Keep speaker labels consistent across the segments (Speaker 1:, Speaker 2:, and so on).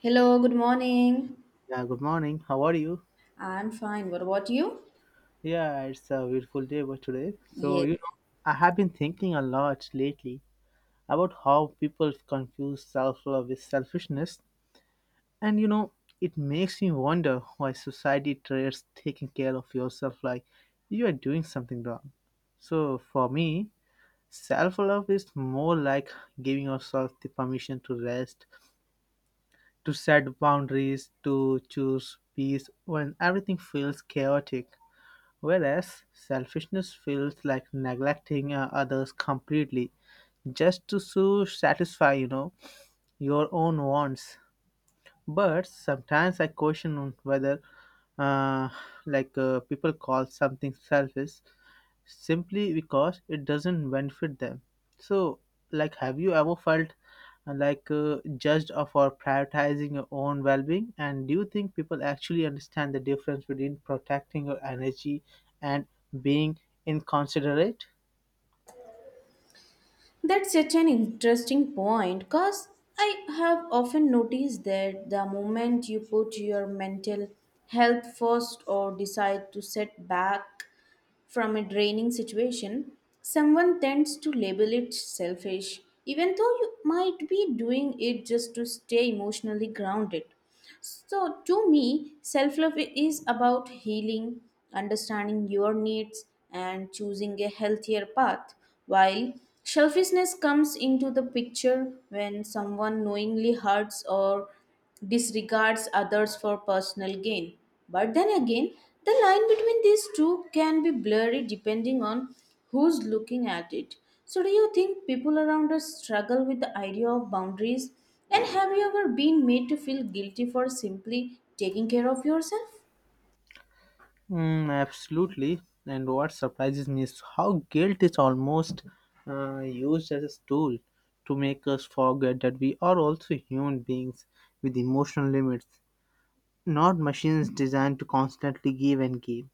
Speaker 1: Hello, good morning.
Speaker 2: Yeah, good morning. How are you?
Speaker 1: I'm fine. What about you?
Speaker 2: Yeah, it's a beautiful day but today.
Speaker 1: Yes,
Speaker 2: I have been thinking a lot lately about how people confuse self-love with selfishness. And you know, it makes me wonder why society treats taking care of yourself like you are doing something wrong. So, for me, self-love is more like giving yourself the permission to rest, to set boundaries, to choose peace when everything feels chaotic. Whereas selfishness feels like neglecting others completely just to satisfy, your own wants. But sometimes I question whether, uh, people call something selfish simply because it doesn't benefit them. So, like, have you ever felt for prioritizing your own well-being? And do you think people actually understand the difference between protecting your energy and being inconsiderate?
Speaker 1: that's such an interesting point because I have often noticed that the moment you put your mental health first or decide to set back from a draining situation, someone tends to label it selfish, even though you might be doing it just to stay emotionally grounded. So, to me, self love is about healing, understanding your needs, and choosing a healthier path. While selfishness comes into the picture when someone knowingly hurts or disregards others for personal gain. But then again, the line between these two can be blurry depending on who's looking at it. So, do you think people around us struggle with the idea of boundaries? And have you ever been made to feel guilty for simply taking care of yourself?
Speaker 2: Mm, absolutely. And what surprises me is how guilt is almost used as a tool to make us forget that we are also human beings with emotional limits, not machines designed to constantly give and give.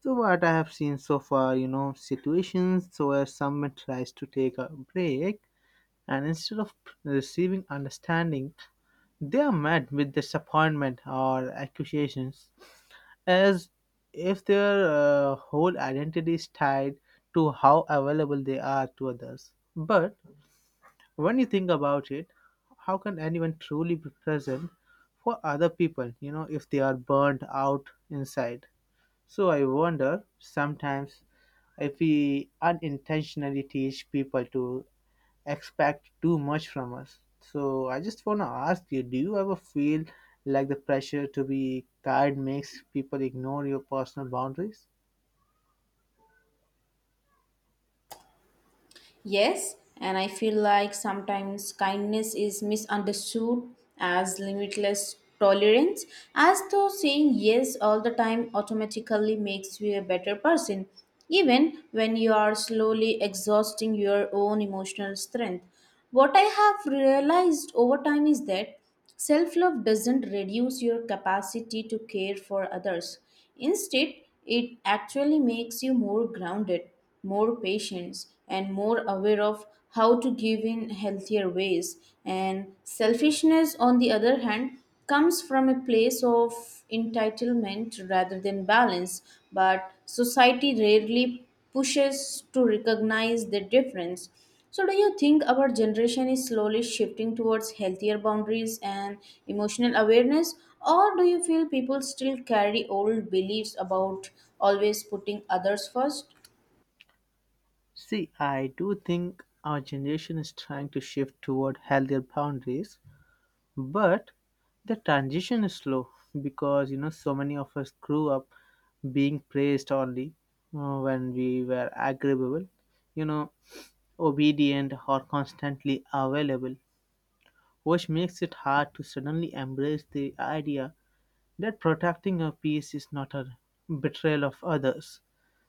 Speaker 2: So what I have seen so far, you know, situations where someone tries to take a break and instead of receiving understanding, they are met with disappointment or accusations as if their whole identity is tied to how available they are to others. But when you think about it, how can anyone truly be present for other people, you know, if they are burned out inside? So I wonder sometimes if we unintentionally teach people to expect too much from us. So I just want to ask you, do you ever feel like the pressure to be kind makes people ignore your personal boundaries?
Speaker 1: Yes, and I feel like sometimes kindness is misunderstood as limitless tolerance, as though saying yes all the time automatically makes you a better person, even when you are slowly exhausting your own emotional strength. What I have realized over time is that self love doesn't reduce your capacity to care for others. Instead, it actually makes you more grounded, more patient, and more aware of how to give in healthier ways. And selfishness, on the other hand, comes from a place of entitlement rather than balance, but society rarely pushes to recognize the difference. So, do you think our generation is slowly shifting towards healthier boundaries and emotional awareness, or do you feel people still carry old beliefs about always putting others first?
Speaker 2: See, I do think our generation is trying to shift toward healthier boundaries. But the transition is slow because, you know, so many of us grew up being praised only when we were agreeable, you know, obedient or constantly available, which makes it hard to suddenly embrace the idea that protecting our peace is not a betrayal of others.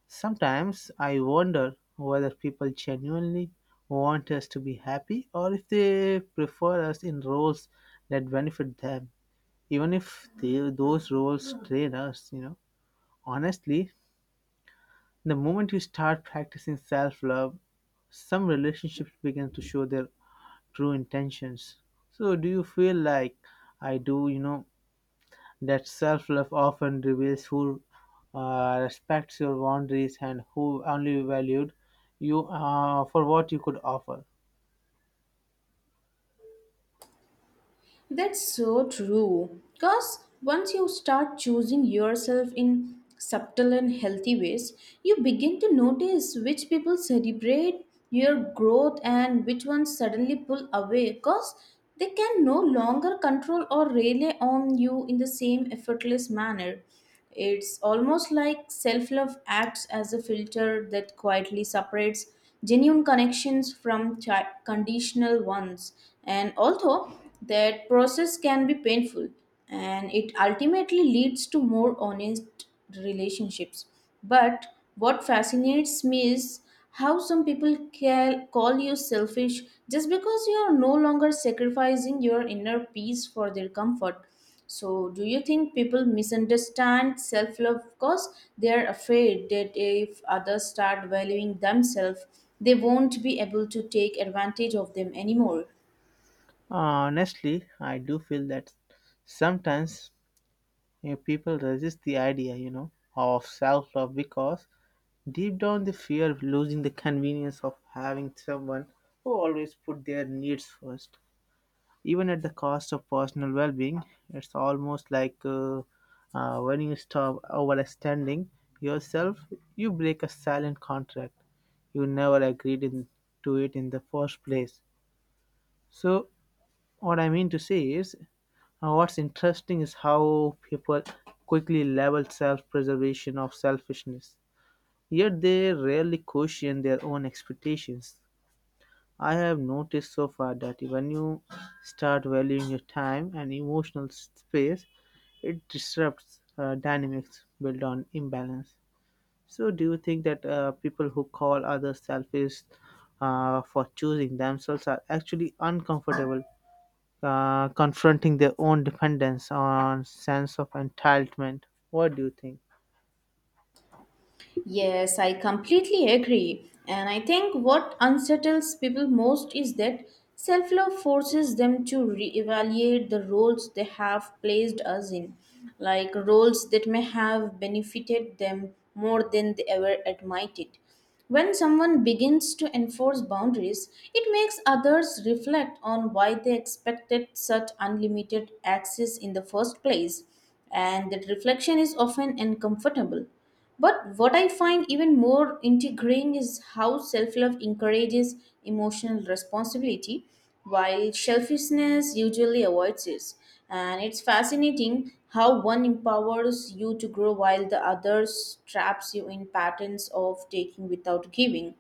Speaker 2: Sometimes I wonder whether people genuinely want us to be happy or if they prefer us in roles that benefit them, even if they, those roles train us. You know, honestly, the moment you start practicing self love, some relationships begin to show their true intentions. So, do you feel like I do, you know, that self love often reveals who respects your boundaries and who only valued you for what you could offer?
Speaker 1: That's so true. Because once you start choosing yourself in subtle and healthy ways, you begin to notice which people celebrate your growth and which ones suddenly pull away because they can no longer control or rely on you in the same effortless manner. It's almost like self love acts as a filter that quietly separates genuine connections from conditional ones. And although that process can be painful, and it ultimately leads to more honest relationships. But what fascinates me is how some people call you selfish just because you are no longer sacrificing your inner peace for their comfort. So, do you think people misunderstand self love because they are afraid that if others start valuing themselves, they won't be able to take advantage of them anymore?
Speaker 2: Uh, Honestly, I do feel that sometimes, you know, people resist the idea, you know, of self love because deep down they fear of losing the convenience of having someone who always put their needs first, even at the cost of personal well being. It's almost like when you stop overextending yourself, you break a silent contract. You never agreed in, to it in the first place. So, what I mean to say is, what's interesting is how people quickly label self preservation of selfishness, yet they rarely question their own expectations. I have noticed so far that when you start valuing your time and emotional space, it disrupts dynamics built on imbalance. So, do you think that people who call others selfish for choosing themselves are actually uncomfortable confronting their own dependence on sense of entitlement? What do you think?
Speaker 1: Yes, I completely agree. And I think what unsettles people most is that self love forces them to reevaluate the roles they have placed us in, like roles that may have benefited them more than they ever admitted. When someone begins to enforce boundaries, it makes others reflect on why they expected such unlimited access in the first place, and that reflection is often uncomfortable. But what I find even more intriguing is how self love encourages emotional responsibility, while selfishness usually avoids it. And it's fascinating how one empowers you to grow while the other traps you in patterns of taking without giving.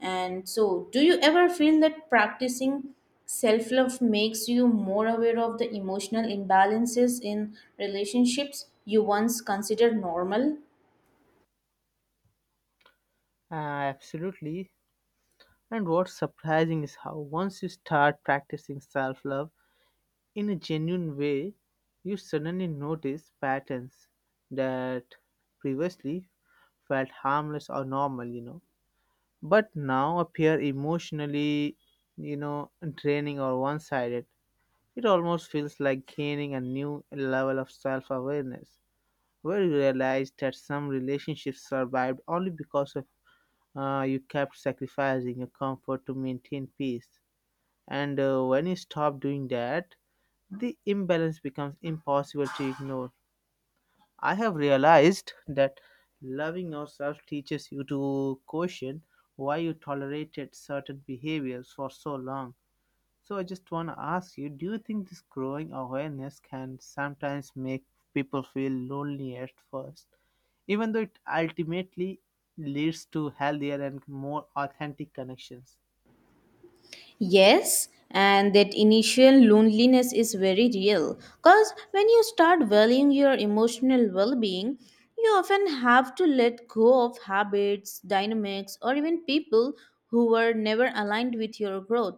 Speaker 1: And so, do you ever feel that practicing self love makes you more aware of the emotional imbalances in relationships you once considered normal?
Speaker 2: Uh, Absolutely. And what's surprising is how once you start practicing self-love in a genuine way, you suddenly notice patterns that previously felt harmless or normal, you know, but now appear emotionally, you know, draining or one-sided. It almost feels like gaining a new level of self-awareness where you realize that some relationships survived only because of you kept sacrificing your comfort to maintain peace. And when you stop doing that, the imbalance becomes impossible to ignore. I have realized that loving yourself teaches you to question why you tolerated certain behaviors for so long. So I just want to ask you, do you think this growing awareness can sometimes make people feel lonely at first, even though it ultimately leads to healthier and more authentic connections?
Speaker 1: Yes, and that initial loneliness is very real. Because when you start valuing your emotional well being, you often have to let go of habits, dynamics, or even people who were never aligned with your growth.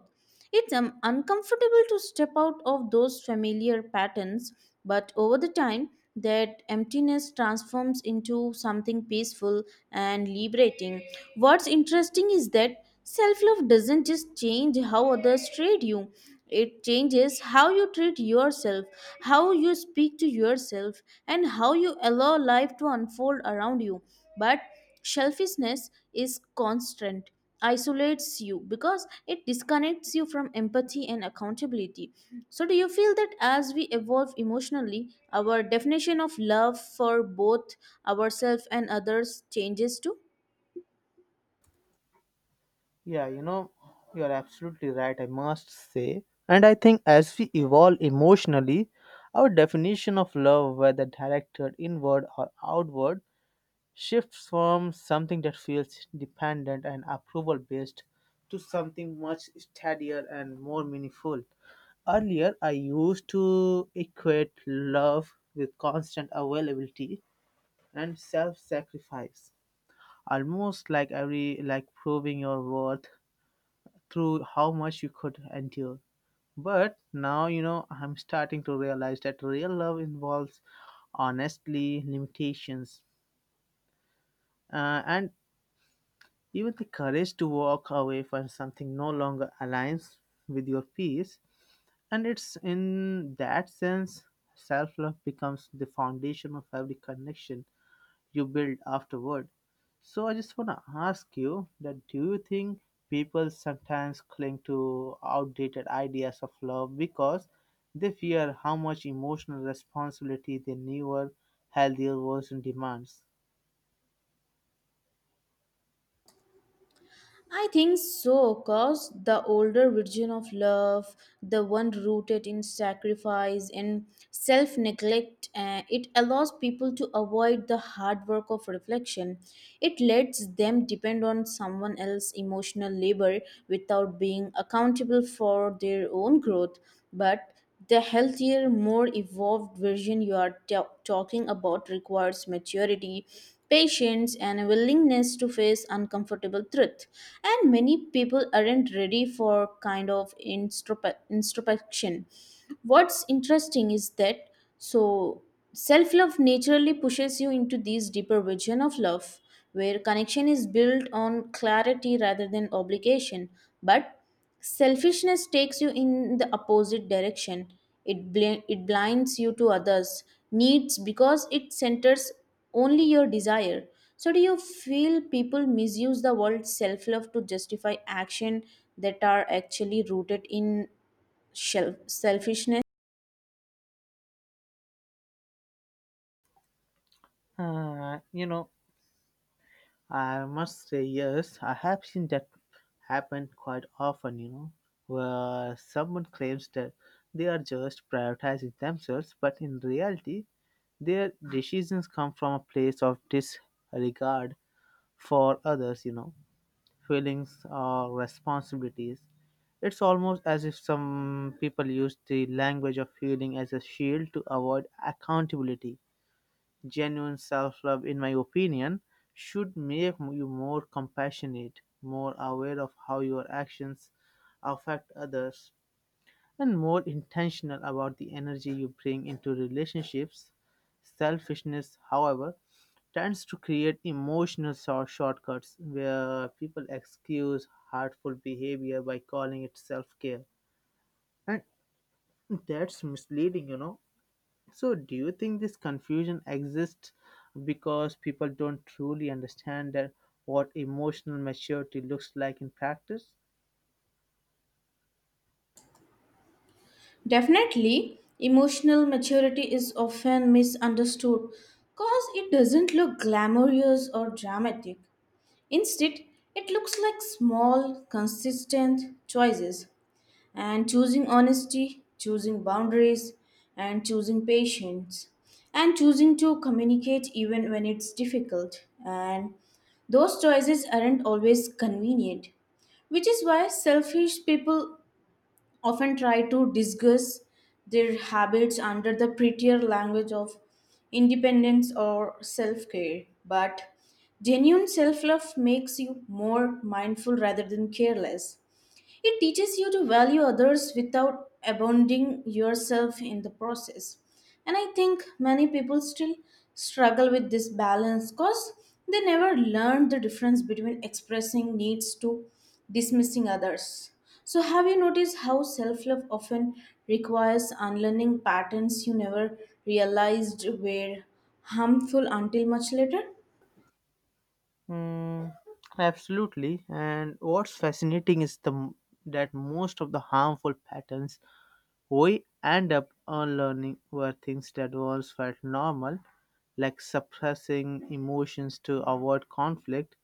Speaker 1: It's uncomfortable to step out of those familiar patterns, but over the time, that emptiness transforms into something peaceful and liberating. What's interesting is that self love doesn't just change how others treat you, it changes how you treat yourself, how you speak to yourself, and how you allow life to unfold around you. But selfishness is constant, isolates you because it disconnects you from empathy and accountability. So, do you feel that as we evolve emotionally, our definition of love for both ourselves and others changes too?
Speaker 2: Yeah, you know, you're absolutely right, I must say. And I think as we evolve emotionally, our definition of love, whether directed inward or outward, shifts from something that feels dependent and approval based to something much steadier and more meaningful. Earlier, I used to equate love with constant availability, and self-sacrifice, almost like every like proving your worth through how much you could endure. But now, you know, I'm starting to realize that real love involves honestly limitations, and even the courage to walk away from something no longer aligns with your peace. And it's in that sense self-love becomes the foundation of every connection you build afterward. So I just want to ask you that, do you think people sometimes cling to outdated ideas of love because they fear how much emotional responsibility the newer, healthier version demands?
Speaker 1: I think so, because the older version of love, the one rooted in sacrifice and self neglect, it allows people to avoid the hard work of reflection. It lets them depend on someone else's emotional labor without being accountable for their own growth. But the healthier, more evolved version you are talking about requires maturity, patience, and a willingness to face uncomfortable truth. And many people aren't ready for kind of introspection. What's interesting is that so self love naturally pushes you into this deeper vision of love, where connection is built on clarity rather than obligation. But selfishness takes you in the opposite direction. It blinds you to others' needs because it centers only your desire. So, do you feel people misuse the word self love to justify action that are actually rooted in selfishness?
Speaker 2: You know, I must say yes. I have seen that happen quite often, you know, where someone claims that they are just prioritizing themselves, but in reality, their decisions come from a place of disregard for others, you know, feelings or responsibilities. It's almost as if some people use the language of feeling as a shield to avoid accountability. Genuine self love, in my opinion, should make you more compassionate, more aware of how your actions affect others, and more intentional about the energy you bring into relationships. Selfishness, however, tends to create emotional shortcuts where people excuse hurtful behavior by calling it self-care, and that's misleading, you know. So do you think this confusion exists because people don't truly understand that what emotional maturity looks like in practice?
Speaker 1: Definitely, emotional maturity is often misunderstood because it doesn't look glamorous or dramatic. Instead, it looks like small, consistent choices and choosing honesty, choosing boundaries, and choosing patience, and choosing to communicate even when it's difficult. And those choices aren't always convenient, which is why selfish people often try to disguise their habits under the prettier language of independence or self care. But genuine self love makes you more mindful rather than careless. It teaches you to value others without abandoning yourself in the process. And I think many people still struggle with this balance because they never learned the difference between expressing needs to dismissing others. So, have you noticed how self love often requires unlearning patterns you never realized were harmful until much later?
Speaker 2: Mm, absolutely. And what's fascinating is that most of the harmful patterns we end up unlearning were things that once felt normal, like suppressing emotions to avoid conflict,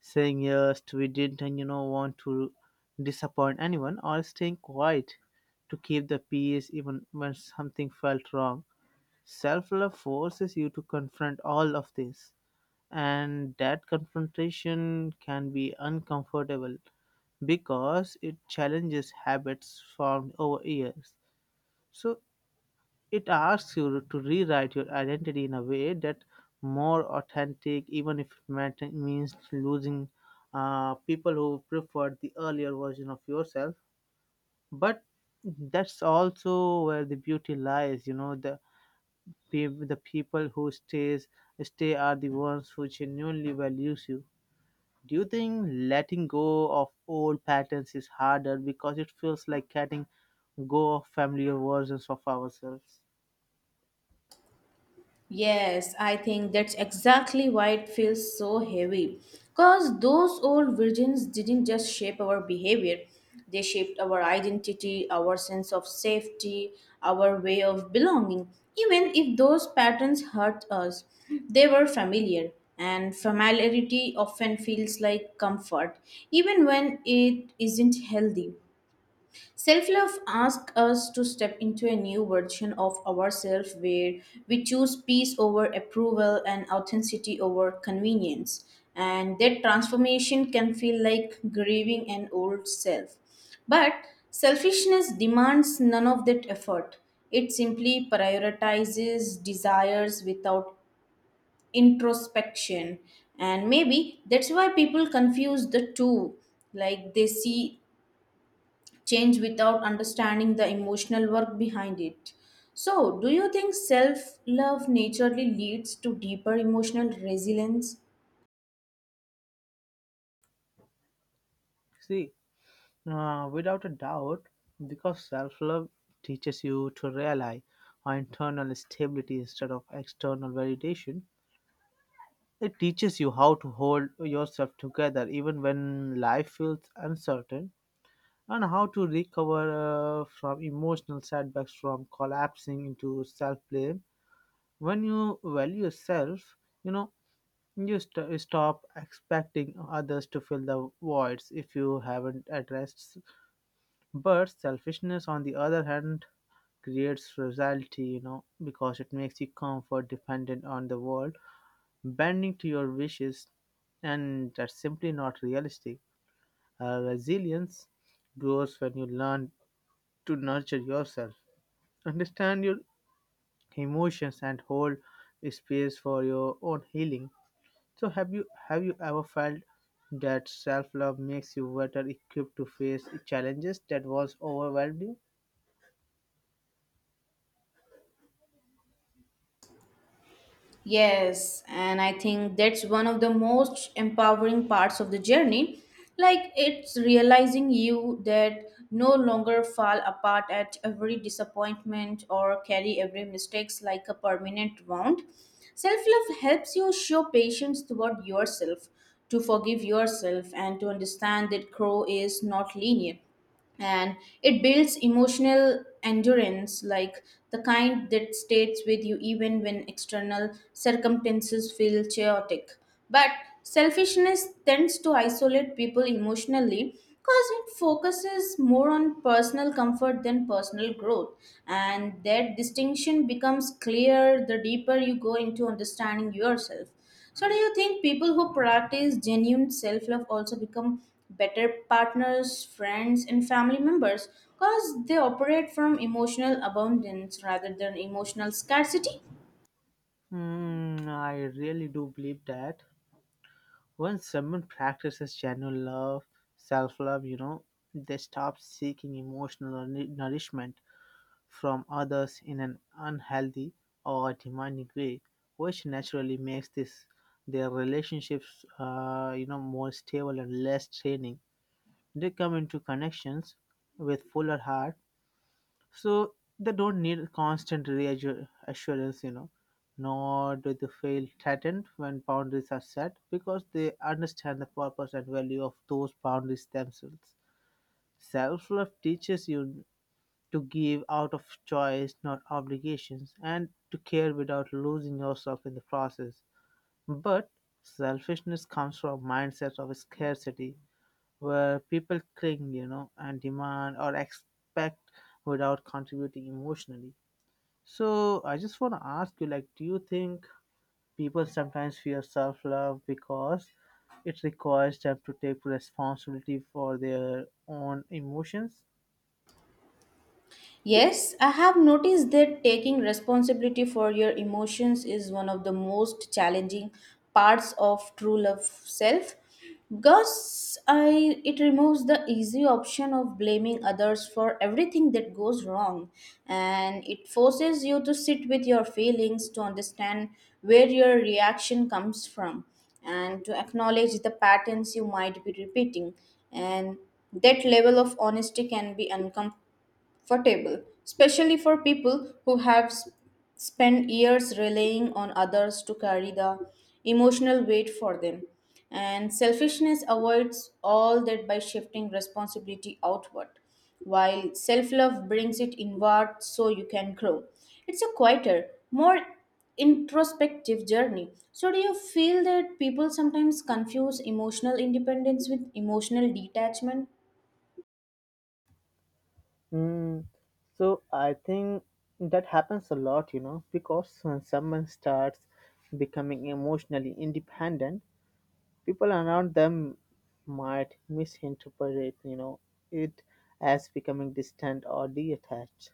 Speaker 2: saying yes, we didn't, you know, want to disappoint anyone, or staying quiet to keep the peace even when something felt wrong. Self love forces you to confront all of this, and that confrontation can be uncomfortable because it challenges habits formed over years. So, it asks you to rewrite your identity in a way that more authentic, even if it means losing people who preferred the earlier version of yourself. But that's also where the beauty lies. You know, pe- the people who stay are the ones who genuinely values you. Do you think letting go of old patterns is harder because it feels like letting go of familiar versions of ourselves?
Speaker 1: Yes, I think that's exactly why it feels so heavy. Because those old virgins didn't just shape our behavior, they shaped our identity, our sense of safety, our way of belonging. Even if those patterns hurt us, they were familiar, and familiarity often feels like comfort, even when it isn't healthy. Self love asks us to step into a new version of ourselves where we choose peace over approval and authenticity over convenience. And that transformation can feel like grieving an old self. But selfishness demands none of that effort. It simply prioritizes desires without introspection. And maybe that's why people confuse the two. Like they see change without understanding the emotional work behind it. So, do you think self love naturally leads to deeper emotional resilience?
Speaker 2: See, Without a doubt, because self love teaches you to rely on internal stability instead of external validation. It teaches you how to hold yourself together even when life feels uncertain, and how to recover from emotional setbacks from collapsing into self blame. When you value yourself, you know, you stop expecting others to fill the voids if you haven't addressed. But selfishness, on the other hand, creates fragility, you know, because it makes you comfort dependent on the world, bending to your wishes, and that's simply not realistic. Resilience grows when you learn to nurture yourself, understand your emotions, and hold space for your own healing. So, have you ever felt that self love makes you better equipped to face challenges that once overwhelmed you?
Speaker 1: Yes, and I think that's one of the most empowering parts of the journey. Like it's realizing you that no longer fall apart at every disappointment or carry every mistakes like a permanent wound. Self-love helps you show patience toward yourself, to forgive yourself and to understand that growth is not linear and it builds emotional endurance like the kind that stays with you even when external circumstances feel chaotic but selfishness tends to isolate people emotionally because it focuses more on personal comfort than personal growth and that distinction becomes clear the deeper you go into understanding yourself. So, do you think people who practice genuine self-love also become better partners, friends, and family members because they operate from emotional abundance rather than emotional scarcity?
Speaker 2: Hmm, I really do believe that once someone practices genuine love, self love, you know, they stop seeking emotional nourishment from others in an unhealthy or demanding way, which naturally makes this their relationships, you know, more stable and less draining. They come into connections with fuller heart, so they don't need constant reassurance, you know, nor do they feel threatened when boundaries are set because they understand the purpose and value of those boundaries themselves. Self-love teaches you to give out of choice, not obligations, and to care without losing yourself in the process. But selfishness comes from mindset of scarcity where people cling, you know, and demand or expect without contributing emotionally. So I just want to ask you, like, do you think people sometimes fear self-love because it requires them to take responsibility for their own emotions?
Speaker 1: Yes, I have noticed that taking responsibility for your emotions is one of the most challenging parts of true love self because I, it removes the easy option of blaming others for everything that goes wrong and it forces you to sit with your feelings to understand where your reaction comes from and to acknowledge the patterns you might be repeating and that level of honesty can be uncomfortable for table, especially for people who have spent years relying on others to carry the emotional weight for them. And selfishness avoids all that by shifting responsibility outward, while self love brings it inward so you can grow. It's a quieter, more introspective journey. So, do you feel that people sometimes confuse emotional independence with emotional detachment?
Speaker 2: Mm, so I think that happens a lot, you know, because when someone starts becoming emotionally independent, people around them might misinterpret, you know, it as becoming distant or detached,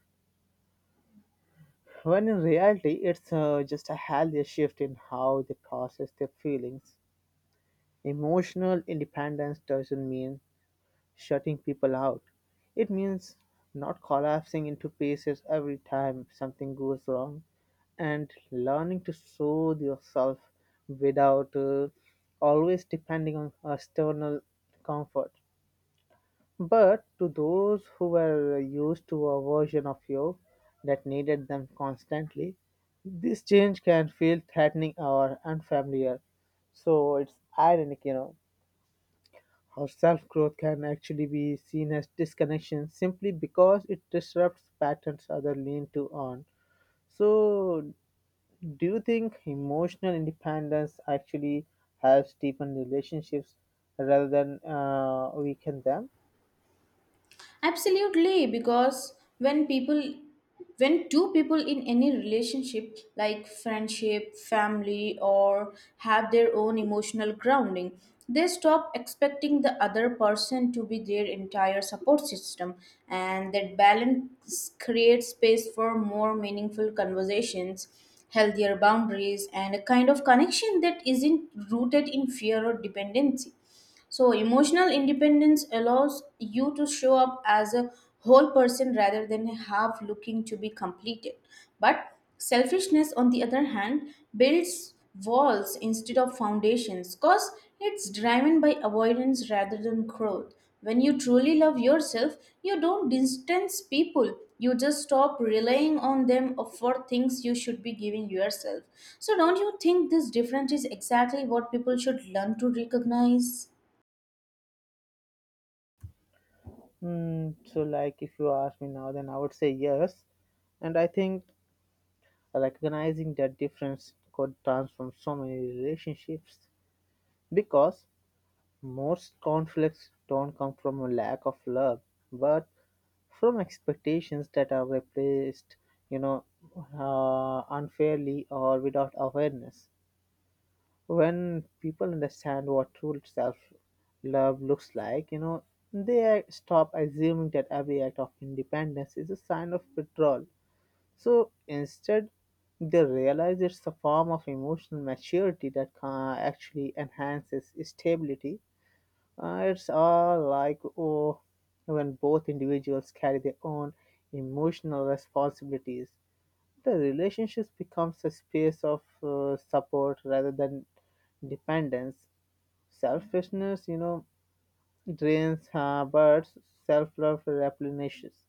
Speaker 2: when in reality it's just a healthy shift in how they process their feelings. Emotional independence doesn't mean shutting people out, it means not collapsing into pieces every time something goes wrong and learning to soothe yourself without always depending on external comfort. But to those who were used to a version of you that needed them constantly, this change can feel threatening or unfamiliar. So it's ironic, you know, how self growth can actually be seen as disconnection simply because it disrupts patterns others lean to on. So, do you think emotional independence actually helps deepen relationships rather than weaken them?
Speaker 1: Absolutely, because when two people in any relationship like friendship, family or have their own emotional grounding, they stop expecting the other person to be their entire support system and that balance creates space for more meaningful conversations, healthier boundaries and a kind of connection that isn't rooted in fear or dependency. So, emotional independence allows you to show up as a whole person rather than a half looking to be completed. But selfishness, on the other hand, builds walls instead of foundations because it's driven by avoidance rather than growth. When you truly love yourself, you don't distance people. You just stop relying on them for things you should be giving yourself. So, don't you think this difference is exactly what people should learn to recognize?
Speaker 2: If you ask me now, then I would say yes. And I think recognizing that difference could transform so many relationships because most conflicts don't come from a lack of love, but from expectations that are replaced, you know, unfairly or without awareness when people understand what true self love looks like, you know, they stop assuming that every act of independence is a sign of withdrawal. So instead, they realize it's a form of emotional maturity that actually enhances stability. It's all like oh, when both individuals carry their own emotional responsibilities the relationships becomes a space of support rather than dependence. Selfishness, you know, drains, but self-love replenishes.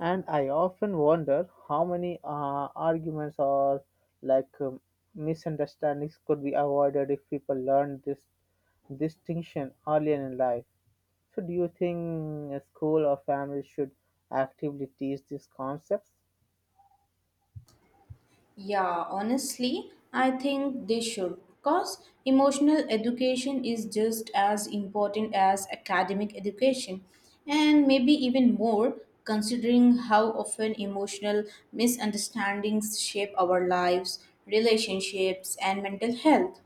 Speaker 2: And I often wonder how many arguments or like um, misunderstandings could be avoided if people learn this distinction earlier in life. So, do you think a school or family should actively teach these concepts?
Speaker 1: Yeah, honestly, I think they should because emotional education is just as important as academic education, and maybe even more considering how often emotional misunderstandings shape our lives, relationships, and mental health.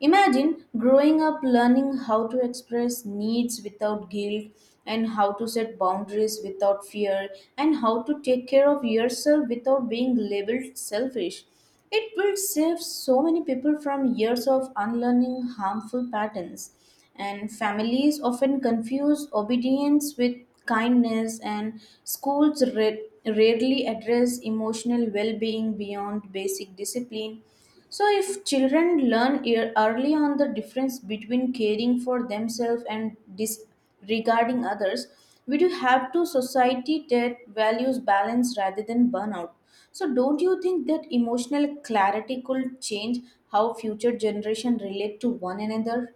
Speaker 1: Imagine growing up learning how to express needs without guilt and how to set boundaries without fear and how to take care of yourself without being labeled selfish. It will save so many people from years of unlearning harmful patterns. And families often confuse obedience with kindness, and schools rarely address emotional well being beyond basic discipline. So, if children learn early on the difference between caring for themselves and disregarding others, we do have to society that values balance rather than burnout. So, don't you think that emotional clarity could change how future generation relate to one another?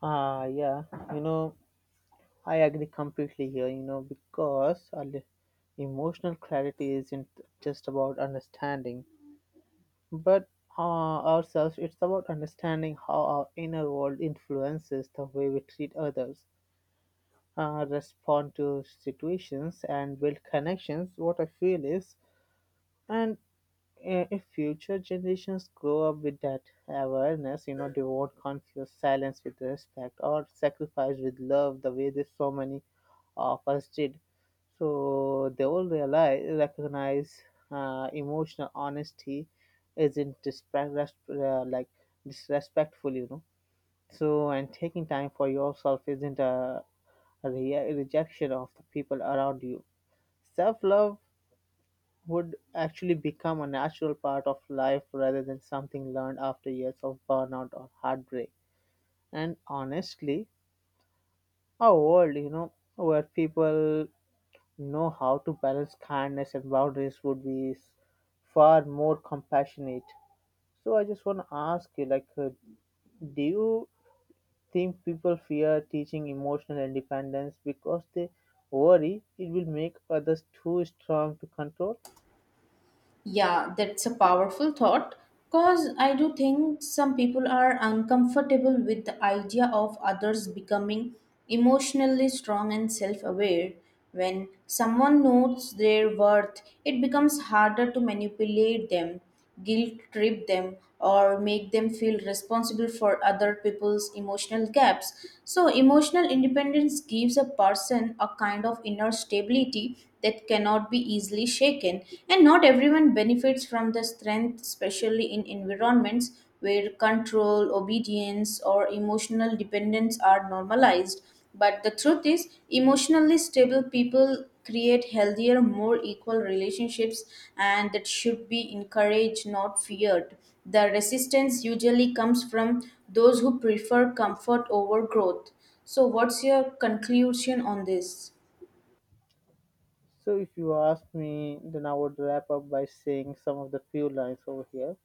Speaker 2: Ah, yeah, you know, I agree completely here, you know, because emotional clarity isn't just about understanding, but ourselves, it's about understanding how our inner world influences the way we treat others, respond to situations, and build connections. What I feel is, and if future generations grow up with that awareness, you know, they won't confuse silence with respect or sacrifice with love the way that so many of us did. So they will realize, recognize emotional honesty isn't disrespect, disrespectful, you know. So and taking time for yourself isn't a rejection of the people around you. Self love would actually become a natural part of life rather than something learned after years of burnout or heartbreak. And honestly, our world, you know, where people know how to balance kindness and boundaries would be far more compassionate. So I just want to ask you, do you think people fear teaching emotional independence because they worry it will make others too strong to control?
Speaker 1: Yeah, that's a powerful thought because I do think some people are uncomfortable with the idea of others becoming emotionally strong and self aware. When someone knows their worth, it becomes harder to manipulate them guilt trip them or make them feel responsible for other people's emotional gaps so emotional independence gives a person a kind of inner stability that cannot be easily shaken and not everyone benefits from the strength especially in environments where control, obedience, or emotional dependence are normalized. But the truth is, emotionally stable people create healthier, more equal relationships, and that should be encouraged, not feared. The resistance usually comes from those who prefer comfort over growth. So, what's your conclusion on this?
Speaker 2: So, if you ask me, then I would wrap up by saying some of the few lines over here.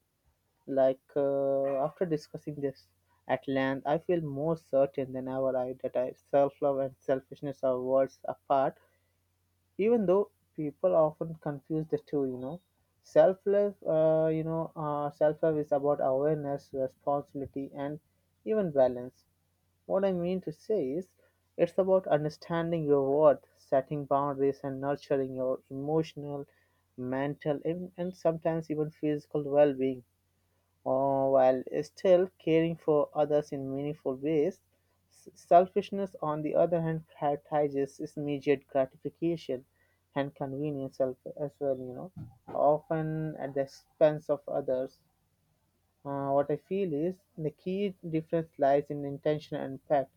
Speaker 2: After discussing this at length, I feel more certain than ever that self love and selfishness are worlds apart, even though people often confuse the two, you know. Self love, self love is about awareness, responsibility, and even balance what I mean to say is, it's about understanding your worth, setting boundaries, and nurturing your emotional, mental, and sometimes even physical well being, while still caring for others in meaningful ways. Selfishness, on the other hand, prioritizes its immediate gratification and convenience as well, you know, often at the expense of others. What I feel is the key difference lies in intention and impact.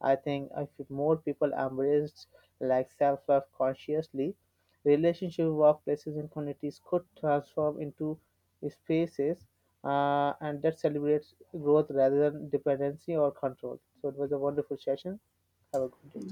Speaker 2: I think if more people embraced like self-love consciously, relationship workplaces and communities could transform into spaces and that celebrates growth rather than dependency or control. So it was a wonderful session. Have a good day.